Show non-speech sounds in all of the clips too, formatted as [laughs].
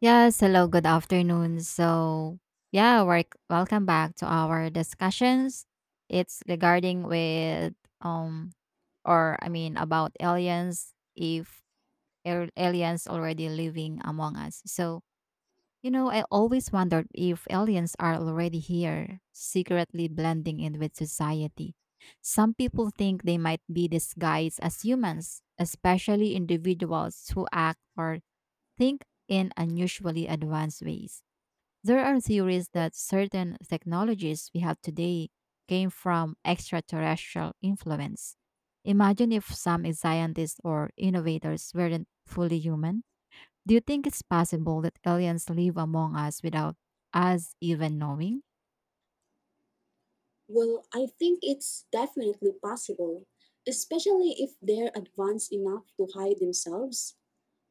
Yes, hello, good afternoon. Welcome back to our discussions. It's regarding with um or about aliens if aliens already living among us. I always wondered if aliens are already here, secretly blending in with society. Some people think they might be disguised as humans, especially individuals who act or think in unusually advanced ways. There are theories that certain technologies we have today came from extraterrestrial influence. Imagine if some scientists or innovators weren't fully human. Do you think it's possible that aliens live among us without us even knowing? Well, I think it's definitely possible, especially if they're advanced enough to hide themselves.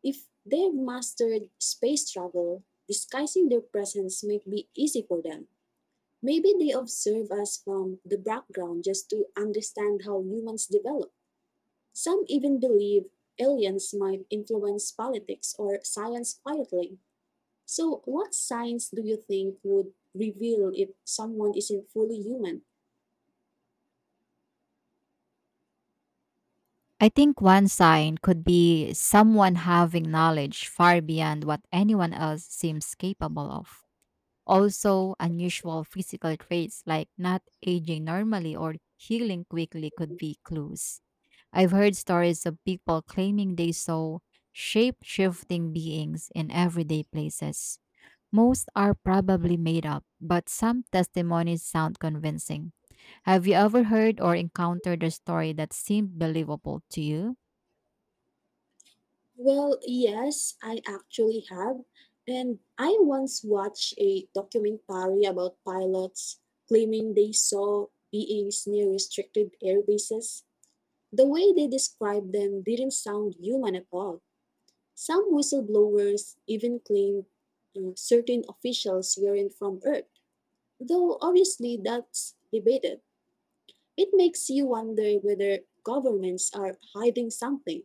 If they've mastered space travel, disguising their presence might be easy for them. Maybe they observe us from the background just to understand how humans develop. Some even believe aliens might influence politics or science quietly. So, what signs do you think would reveal if someone isn't fully human? I think one sign could be someone having knowledge far beyond what anyone else seems capable of. Also, unusual physical traits like not aging normally or healing quickly could be clues. I've heard stories of people claiming they saw shape shifting beings in everyday places. Most are probably made up, but some testimonies sound convincing. Have you ever heard or encountered a story that seemed believable to you? Well, yes, I actually have. And I once watched a documentary about pilots claiming they saw beings near restricted air bases. The way they described them didn't sound human at all. Some whistleblowers even claimed certain officials weren't from Earth, though obviously that's debated. It makes you wonder whether governments are hiding something.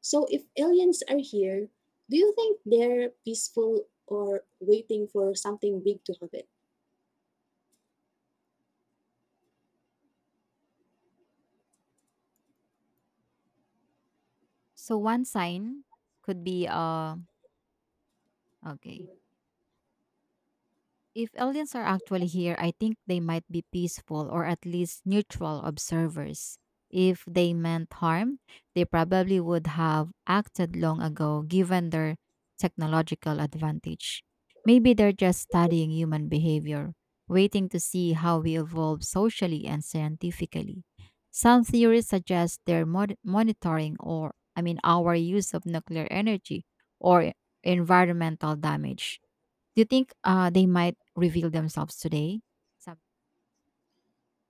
So, if aliens are here, do you think they're peaceful or waiting for something big to happen? So, one sign could be okay. If aliens are actually here, I think they might be peaceful or at least neutral observers. If they meant harm, they probably would have acted long ago given their technological advantage. Maybe they're just studying human behavior, waiting to see how we evolve socially and scientifically. Some theories suggest they're monitoring or our use of nuclear energy or environmental damage. Do you think they might reveal themselves today? Some-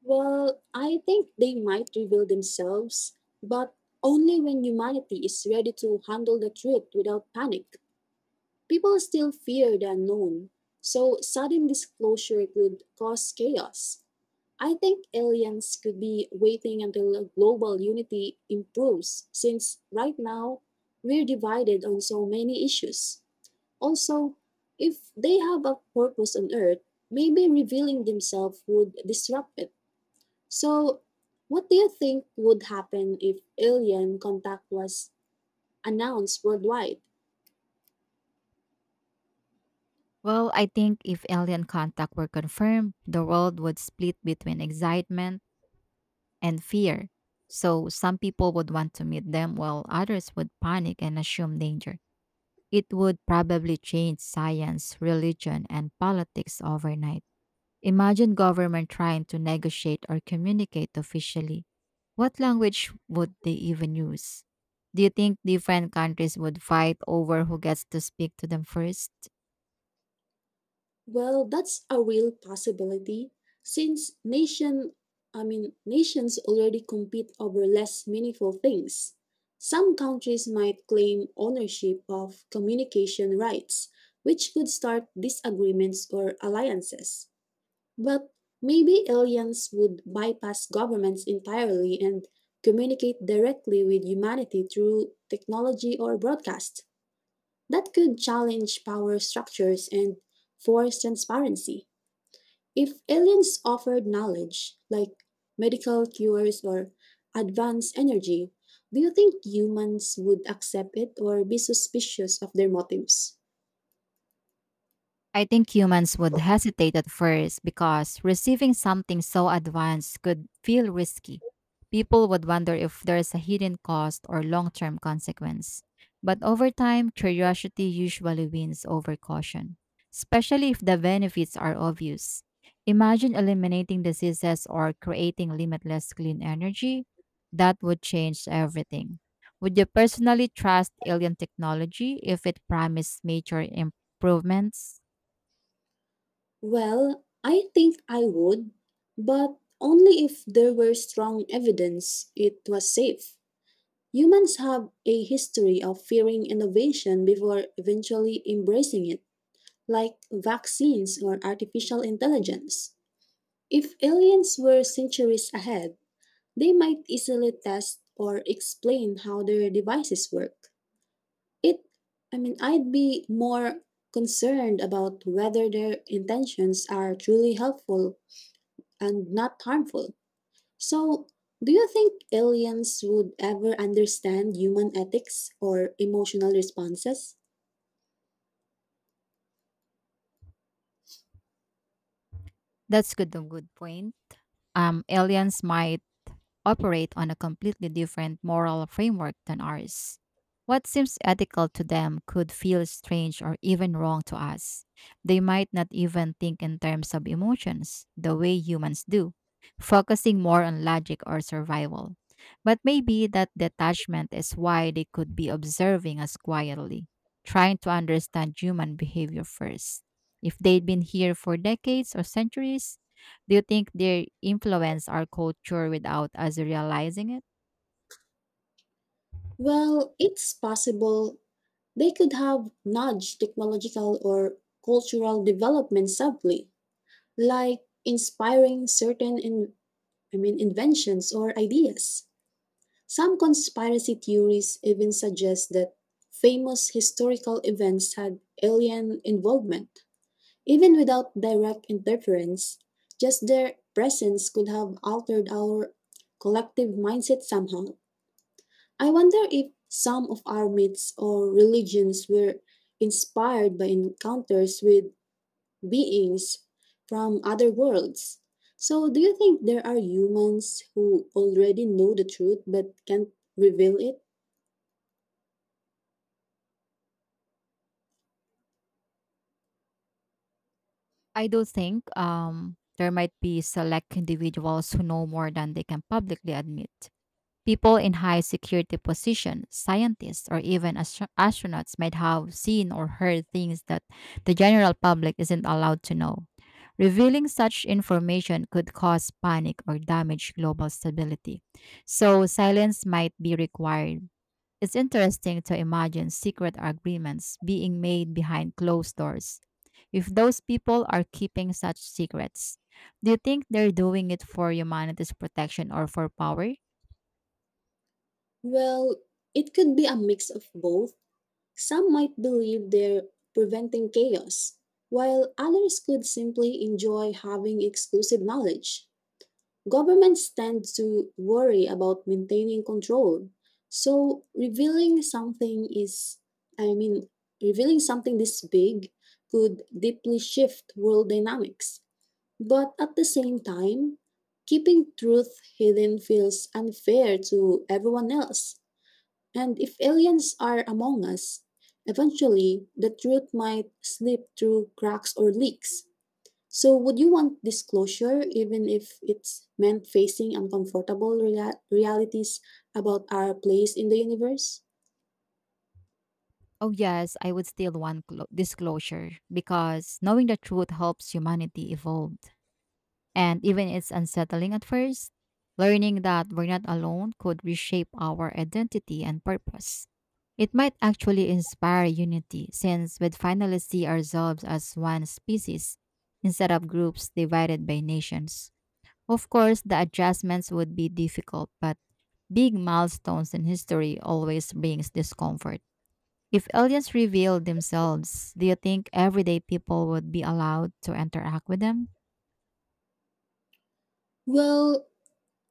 Well, I think they might reveal themselves, but only when humanity is ready to handle the truth without panic. People still fear the unknown, so sudden disclosure could cause chaos. I think aliens could be waiting until global unity improves, since right now we're divided on so many issues. Also, if they have a purpose on Earth, maybe revealing themselves would disrupt it. So, what do you think would happen if alien contact was announced worldwide? Well, I think if alien contact were confirmed, the world would split between excitement and fear. So some people would want to meet them, while others would panic and assume danger. It would probably change science, religion, and politics overnight. Imagine government trying to negotiate or communicate officially. What language would they even use? Do you think different countries would fight over who gets to speak to them first? Well, that's a real possibility since nations already compete over less meaningful things. Some countries might claim ownership of communication rights, which could start disagreements or alliances. But maybe aliens would bypass governments entirely and communicate directly with humanity through technology or broadcast. That could challenge power structures and force transparency. If aliens offered knowledge, like medical cures or advanced energy, do you think humans would accept it or be suspicious of their motives? I think humans would hesitate at first because receiving something so advanced could feel risky. People would wonder if there is a hidden cost or long term consequence. But over time, curiosity usually wins over caution, especially if the benefits are obvious. Imagine eliminating diseases or creating limitless clean energy. That would change everything. Would you personally trust alien technology if it promised major improvements? Well, I think I would, but only if there were strong evidence it was safe. Humans have a history of fearing innovation before eventually embracing it, like vaccines or artificial intelligence. If aliens were centuries ahead, they might easily test or explain how their devices work. It, I'd be more concerned about whether their intentions are truly helpful and not harmful. So, do you think aliens would ever understand human ethics or emotional responses? That's good a good point. Aliens might operate on a completely different moral framework than ours. What seems ethical to them could feel strange or even wrong to us. They might not even think in terms of emotions the way humans do, focusing more on logic or survival. But maybe that detachment is why they could be observing us quietly, trying to understand human behavior first. If they'd been here for decades or centuries, do you think they influence our culture without us realizing it? Well, it's possible they could have nudged technological or cultural development subtly, like inspiring certain in, I mean inventions or ideas. Some conspiracy theories even suggest that famous historical events had alien involvement. Even without direct interference, just their presence could have altered our collective mindset somehow. I wonder if some of our myths or religions were inspired by encounters with beings from other worlds. So, do you think there are humans who already know the truth but can't reveal it? I do think there might be select individuals who know more than they can publicly admit. People in high security positions, scientists, or even astronauts might have seen or heard things that the general public isn't allowed to know. Revealing such information could cause panic or damage global stability. So, silence might be required. It's interesting to imagine secret agreements being made behind closed doors. If those people are keeping such secrets, do you think they're doing it for humanity's protection or for power? Well, it could be a mix of both. Some might believe they're preventing chaos, while others could simply enjoy having exclusive knowledge. Governments tend to worry about maintaining control. So revealing something is, I mean, revealing something this big could deeply shift world dynamics. But at the same time, keeping truth hidden feels unfair to everyone else. And if aliens are among us, eventually the truth might slip through cracks or leaks. So, would you want disclosure even if it's meant facing uncomfortable realities about our place in the universe? Oh, yes, I would still want disclosure because knowing the truth helps humanity evolve. And even it's unsettling at first, learning that we're not alone could reshape our identity and purpose. It might actually inspire unity since we'd finally see ourselves as one species instead of groups divided by nations. Of course, the adjustments would be difficult, but big milestones in history always brings discomfort. If aliens revealed themselves, do you think everyday people would be allowed to interact with them? Well,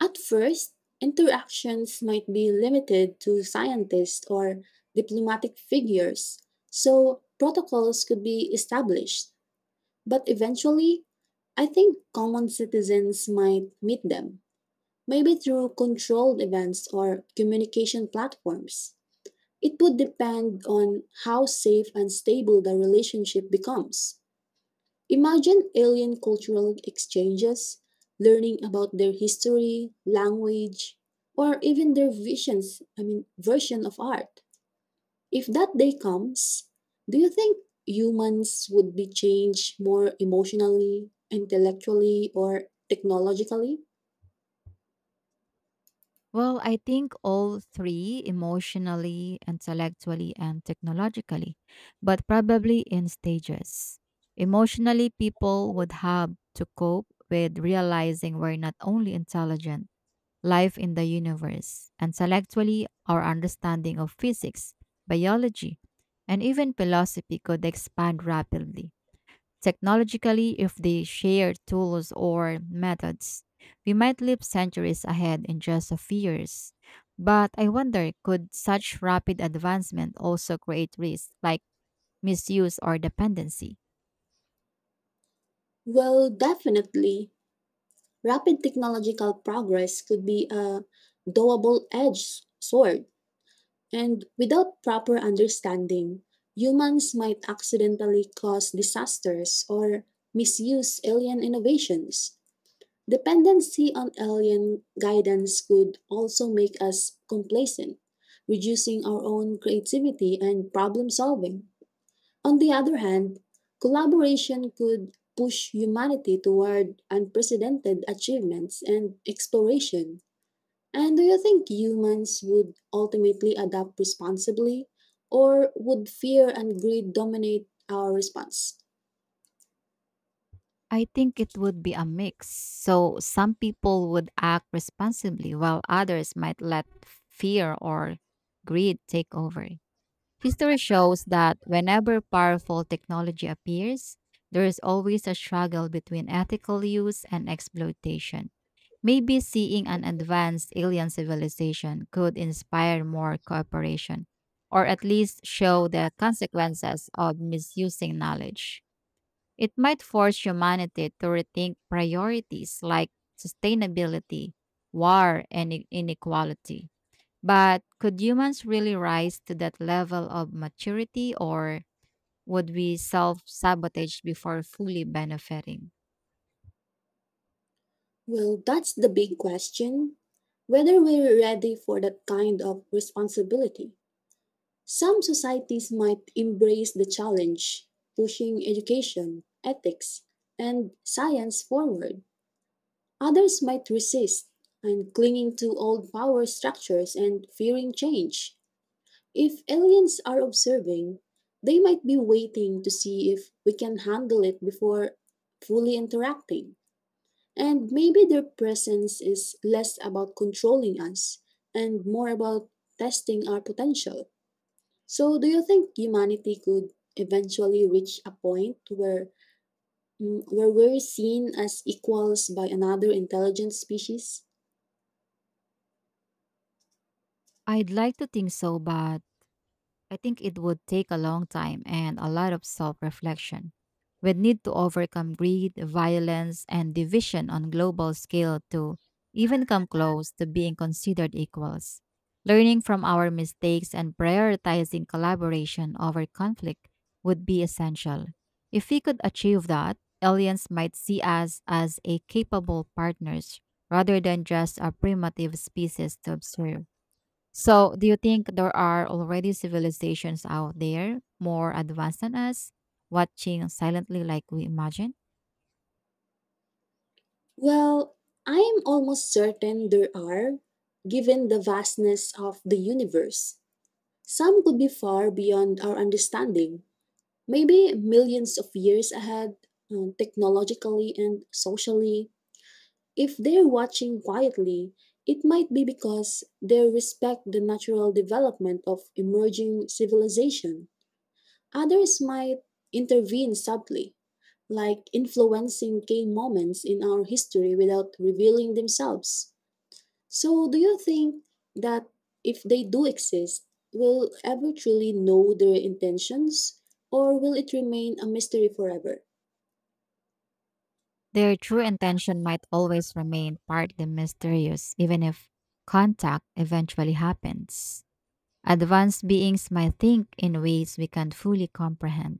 at first, interactions might be limited to scientists or diplomatic figures, so protocols could be established. But eventually, I think common citizens might meet them, maybe through controlled events or communication platforms. It would depend on how safe and stable the relationship becomes. Imagine alien cultural exchanges, learning about their history, language, or even their version of art. If that day comes, do you think humans would be changed more emotionally, intellectually, or technologically? Well, I think all three emotionally, intellectually, and technologically, but probably in stages. Emotionally, people would have to cope with realizing we're not only intelligent, life in the universe. Intellectually, our understanding of physics, biology, and even philosophy could expand rapidly. Technologically, if they share tools or methods, we might live centuries ahead in just a few years. But I wonder could such rapid advancement also create risks like misuse or dependency? Well, definitely. Rapid technological progress could be a double edged sword, and without proper understanding, humans might accidentally cause disasters or misuse alien innovations. Dependency on alien guidance could also make us complacent, reducing our own creativity and problem solving. On the other hand, collaboration could push humanity toward unprecedented achievements and exploration. And do you think humans would ultimately adapt responsibly, or would fear and greed dominate our response? I think it would be a mix. So some people would act responsibly while others might let fear or greed take over. History shows that whenever powerful technology appears, there is always a struggle between ethical use and exploitation. Maybe seeing an advanced alien civilization could inspire more cooperation, or at least show the consequences of misusing knowledge. It might force humanity to rethink priorities like sustainability, war, and inequality. But could humans really rise to that level of maturity, or would we self sabotage before fully benefiting? Well, that's the big question whether we're ready for that kind of responsibility. Some societies might embrace the challenge, pushing education, ethics, and science forward. Others might resist and clinging to old power structures and fearing change. If aliens are observing, they might be waiting to see if we can handle it before fully interacting. And maybe their presence is less about controlling us and more about testing our potential. So, do you think humanity could eventually reach a point where we're seen as equals by another intelligent species? I'd like to think so, but I think it would take a long time and a lot of self reflection. We'd need to overcome greed, violence, and division on global scale to even come close to being considered equals. Learning from our mistakes and prioritizing collaboration over conflict would be essential. If we could achieve that, aliens might see us as a capable partners rather than just a primitive species to observe. So, do you think there are already civilizations out there more advanced than us, watching silently like we imagine? Well, I'm almost certain there are, given the vastness of the universe. Some could be far beyond our understanding, maybe millions of years ahead, technologically and socially. If they're watching quietly, it might be because they respect the natural development of emerging civilization. Others might intervene subtly, like influencing key moments in our history without revealing themselves. So, do you think that if they do exist, we'll ever truly know their intentions, or will it remain a mystery forever? Their true intention might always remain partly mysterious, even if contact eventually happens. Advanced beings might think in ways we can't fully comprehend,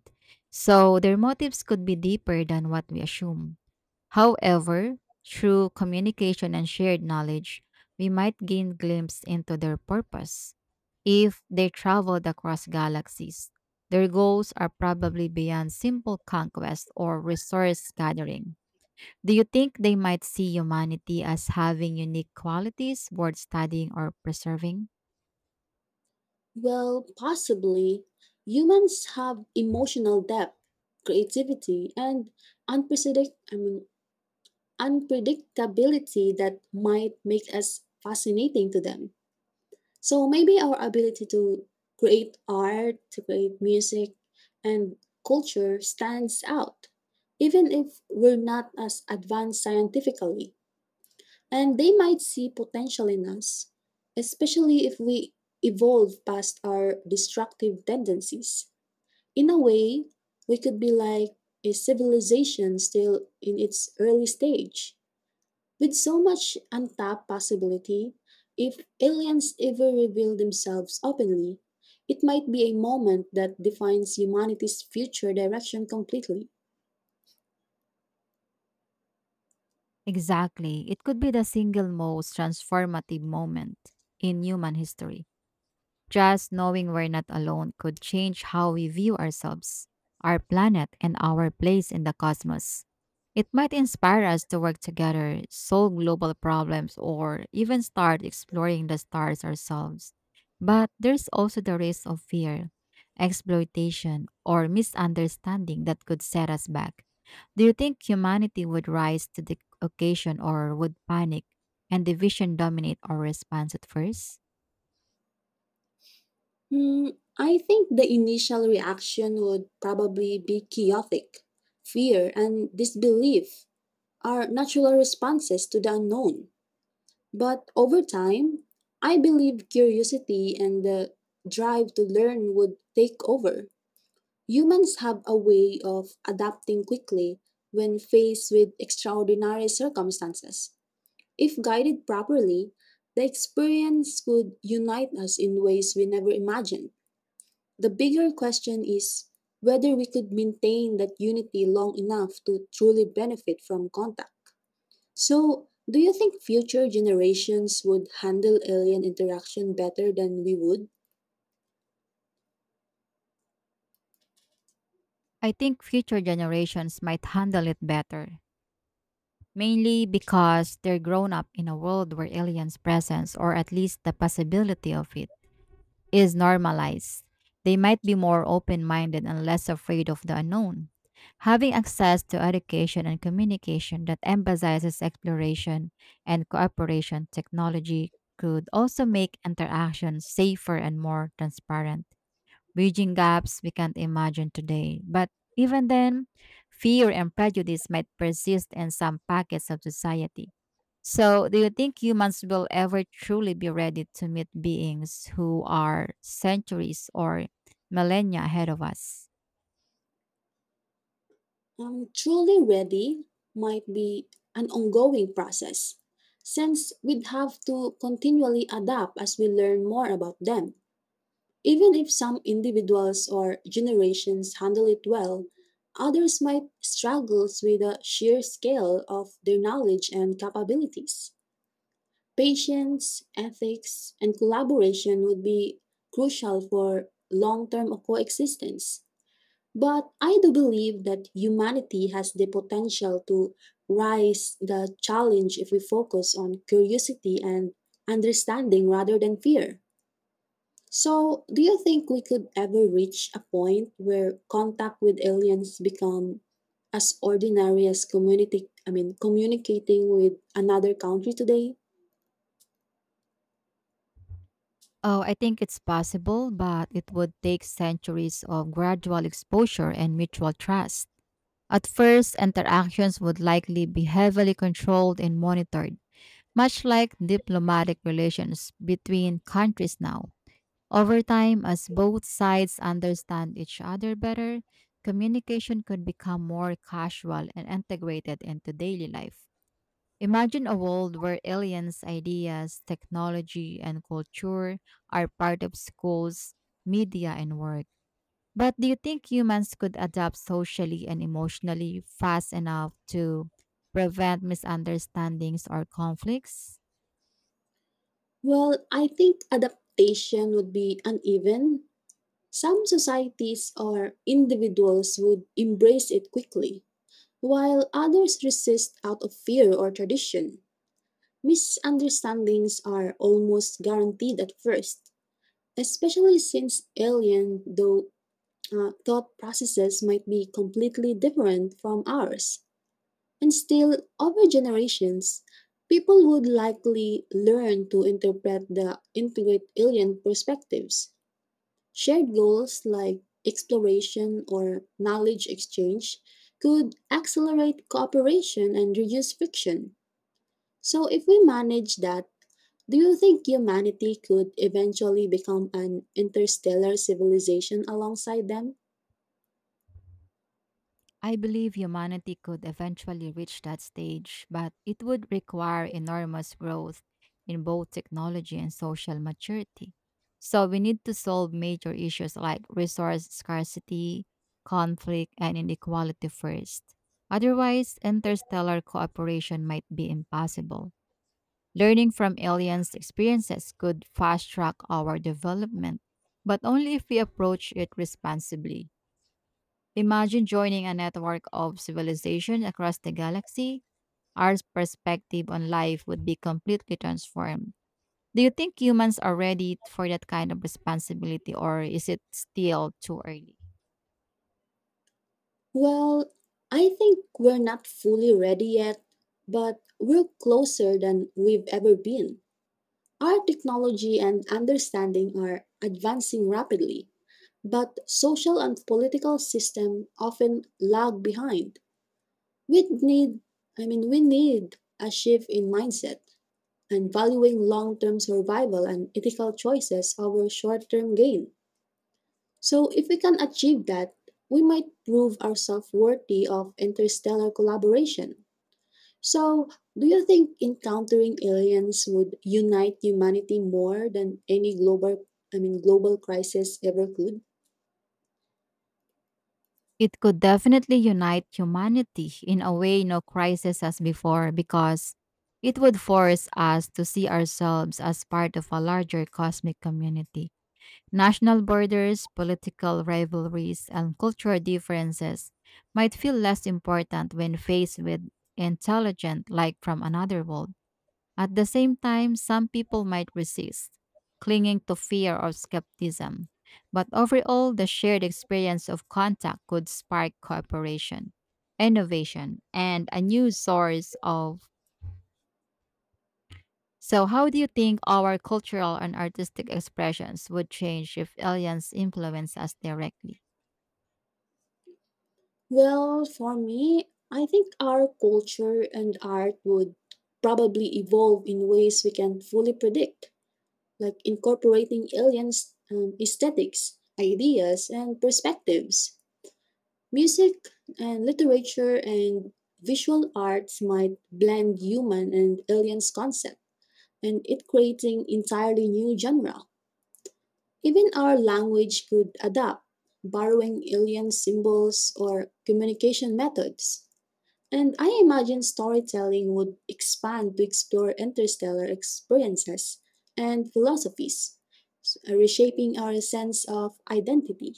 so their motives could be deeper than what we assume. However, through communication and shared knowledge, we might gain glimpse into their purpose. If they traveled across galaxies, their goals are probably beyond simple conquest or resource gathering. Do you think they might see humanity as having unique qualities worth studying or preserving? Well, possibly. Humans have emotional depth, creativity, and unprecedented, I mean, unpredictability that might make us fascinating to them. So maybe our ability to create art, to create music, and culture stands out, even if we're not as advanced scientifically. And they might see potential in us, especially if we evolve past our destructive tendencies. In a way, we could be like a civilization still in its early stage with so much untapped possibility. If aliens ever reveal themselves openly, it might be a moment that defines humanity's future direction completely. Exactly. It could be the single most transformative moment in human history. Just knowing we're not alone could change how we view ourselves, our planet, and our place in the cosmos. It might inspire us to work together, solve global problems, or even start exploring the stars ourselves. But there's also the risk of fear, exploitation, or misunderstanding that could set us back. Do you think humanity would rise to the occasion or would panic and division dominate our response at first? Hmm, I think the initial reaction would probably be chaotic. Fear and disbelief are natural responses to the unknown. But over time, I believe curiosity and the drive to learn would take over. Humans have a way of adapting quickly when faced with extraordinary circumstances. If guided properly, the experience could unite us in ways we never imagined. The bigger question is whether we could maintain that unity long enough to truly benefit from contact. So, do you think future generations would handle alien interaction better than we would? I think future generations might handle it better, mainly because they're grown up in a world where aliens' presence, or at least the possibility of it, is normalized. They might be more open minded and less afraid of the unknown. Having access to education and communication that emphasizes exploration and cooperation technology could also make interactions safer and more transparent bridging gaps we can't imagine today. But even then, fear and prejudice might persist in some pockets of society. So, do you think humans will ever truly be ready to meet beings who are centuries or millennia ahead of us? Truly ready might be an ongoing process, since we'd have to continually adapt as we learn more about them. Even if some individuals or generations handle it well, others might struggle with the sheer scale of their knowledge and capabilities. Patience, ethics, and collaboration would be crucial for long term coexistence. But I do believe that humanity has the potential to rise the challenge if we focus on curiosity and understanding rather than fear. So, do you think we could ever reach a point where contact with aliens become as ordinary as community I mean communicating with another country today? Oh, I think it's possible, but it would take centuries of gradual exposure and mutual trust. At first, interactions would likely be heavily controlled and monitored much like diplomatic relations between countries now. Over time, as both sides understand each other better, communication could become more casual and integrated into daily life. Imagine a world where aliens' ideas, technology, and culture are part of schools, media, and work. But do you think humans could adapt socially and emotionally fast enough to prevent misunderstandings or conflicts? Well, I think adaptation would be uneven. Some societies or individuals would embrace it quickly, while others resist out of fear or tradition, misunderstandings are almost guaranteed at first, especially since alien thought processes might be completely different from ours. And still, over generations, people would likely learn to interpret the integrate alien perspectives. Shared goals like exploration or knowledge exchange could accelerate cooperation and reduce friction. So, if we manage that, do you think humanity could eventually become an interstellar civilization alongside them? I believe humanity could eventually reach that stage, but it would require enormous growth in both technology and social maturity. So we need to solve major issues like resource scarcity, conflict, and inequality first. Otherwise, interstellar cooperation might be impossible. Learning from aliens' experiences could fast track our development, but only if we approach it responsibly. Imagine joining a network of civilizations across the galaxy. Our perspective on life would be completely transformed. Do you think humans are ready for that kind of responsibility, or is it still too early? Well, I think we're not fully ready yet, but we're closer than we've ever been. Our technology and understanding are advancing rapidly, but social and political system often lag behind. We need, we need a shift in mindset and valuing long-term survival and ethical choices over short-term gain. So if we can achieve that, we might prove ourselves worthy of interstellar collaboration. So, do you think encountering aliens would unite humanity more than any global crisis ever could? It could definitely unite humanity in a way no crisis has before because it would force us to see ourselves as part of a larger cosmic community. National borders, political rivalries, and cultural differences might feel less important when faced with intelligent like from another world. At the same time, some people might resist, clinging to fear or skepticism. But overall, the shared experience of contact could spark cooperation, innovation, and a new source of. So, how do you think our cultural and artistic expressions would change if aliens influence us directly? Well, for me, I think our culture and art would probably evolve in ways we can't fully predict, like incorporating aliens' aesthetics, ideas, and perspectives. Music and literature and visual arts might blend human and aliens' concept, and it creating entirely new genre. Even our language could adapt, borrowing alien symbols or communication methods. And I imagine storytelling would expand to explore interstellar experiences and philosophies, reshaping our sense of identity.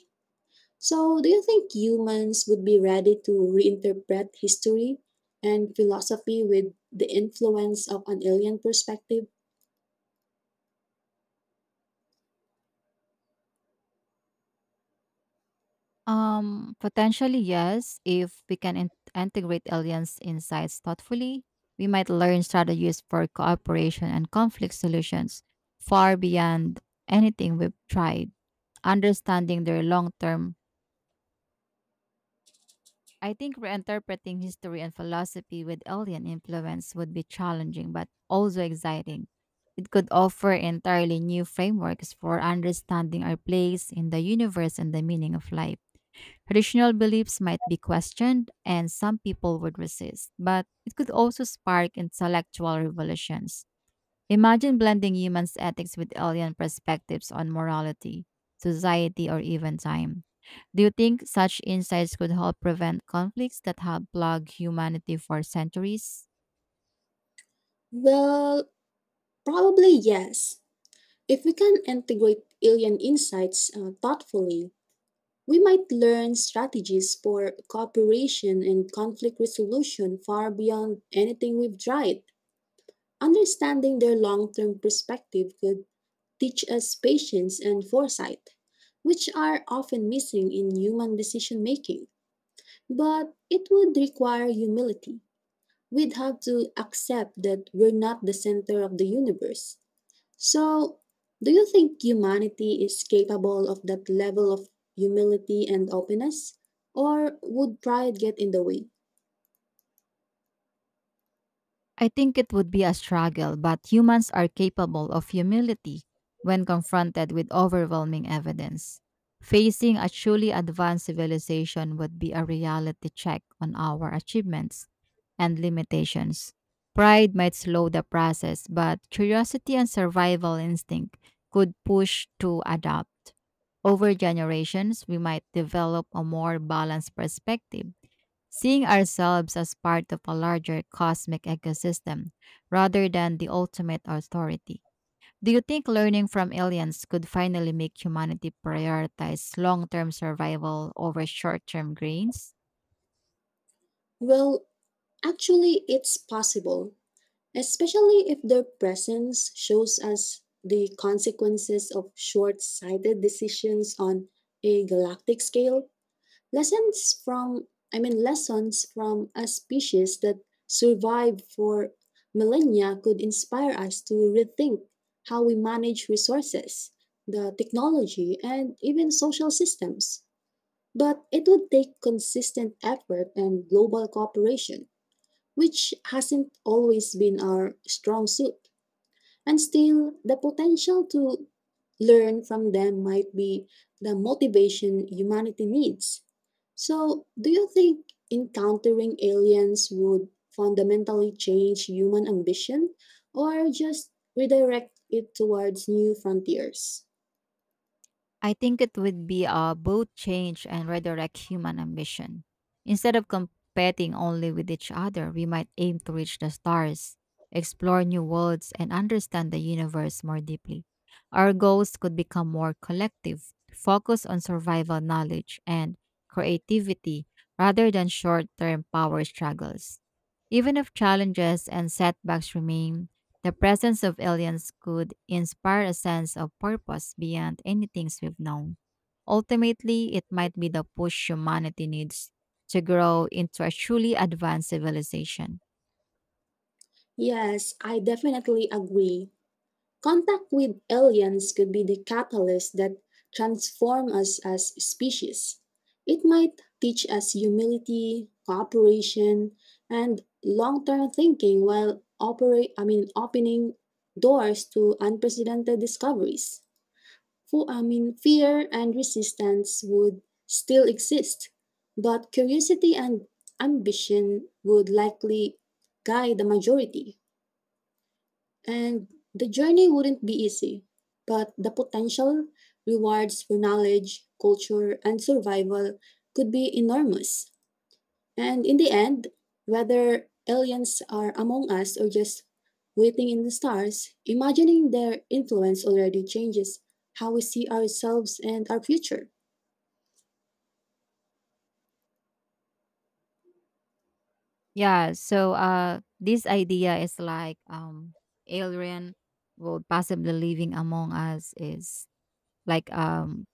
So, do you think humans would be ready to reinterpret history and philosophy with the influence of an alien perspective? Potentially, yes. If we can integrate aliens' insights thoughtfully, we might learn strategies for cooperation and conflict solutions far beyond anything we've tried. Understanding their long term, I think reinterpreting history and philosophy with alien influence would be challenging but also exciting. It could offer entirely new frameworks for understanding our place in the universe and the meaning of life. Traditional beliefs might be questioned and some people would resist, but it could also spark intellectual revolutions. Imagine blending humans' ethics with alien perspectives on morality, society, or even time. Do you think such insights could help prevent conflicts that have plagued humanity for centuries? Well, probably yes. If we can integrate alien insights thoughtfully, we might learn strategies for cooperation and conflict resolution far beyond anything we've tried. Understanding their long term perspective could teach us patience and foresight, which are often missing in human decision making. But it would require humility. We'd have to accept that we're not the center of the universe. So, do you think humanity is capable of that level of humility and openness? Or would pride get in the way? I think it would be a struggle, but humans are capable of humility when confronted with overwhelming evidence. Facing a truly advanced civilization would be a reality check on our achievements and limitations. Pride might slow the process, but curiosity and survival instinct could push to adapt. Over generations, we might develop a more balanced perspective seeing ourselves as part of a larger cosmic ecosystem rather than the ultimate authority. Do you think learning from aliens could finally make humanity prioritize long term survival over short term gains? Well, actually, it's possible, especially if their presence shows us the consequences of short sighted decisions on a galactic scale. Lessons from, lessons from a species that survived for millennia could inspire us to rethink how we manage resources, the technology, and even social systems. But it would take consistent effort and global cooperation, which hasn't always been our strong suit. And still, the potential to learn from them might be the motivation humanity needs. So, do you think encountering aliens would fundamentally change human ambition or just redirect it towards new frontiers? I think it would be both change and redirect human ambition. Instead of competing only with each other, we might aim to reach the stars, explore new worlds, and understand the universe more deeply. Our goals could become more collective, focus on survival knowledge and creativity rather than short term power struggles. Even if challenges and setbacks remain, the presence of aliens could inspire a sense of purpose beyond anything we've known. Ultimately, it might be the push humanity needs to grow into a truly advanced civilization. Yes, I definitely agree. Contact with aliens could be the catalyst that transform us as species. It might teach us humility, cooperation, and long-term thinking while operate I mean opening doors to unprecedented discoveries. Fear and resistance would still exist, but curiosity and ambition would likely guide the majority. And the journey wouldn't be easy, but the potential rewards for knowledge, culture, and survival could be enormous. And in the end, whether aliens are among us or just waiting in the stars, imagining their influence already changes how we see ourselves and our future. Yeah, so this idea is alien world possibly living among us is like um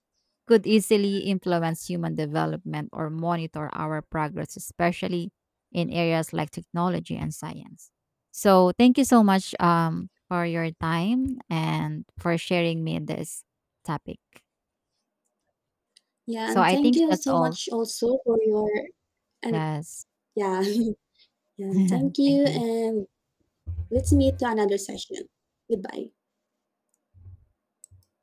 could easily influence human development or monitor our progress, especially in areas like technology and science. So, thank you so much for your time and for sharing me this topic. Yeah, So, and I thank think you that's so all. much also for your, and Yes. yeah, [laughs] and thank Thank you, you. and let's meet to another session. Goodbye.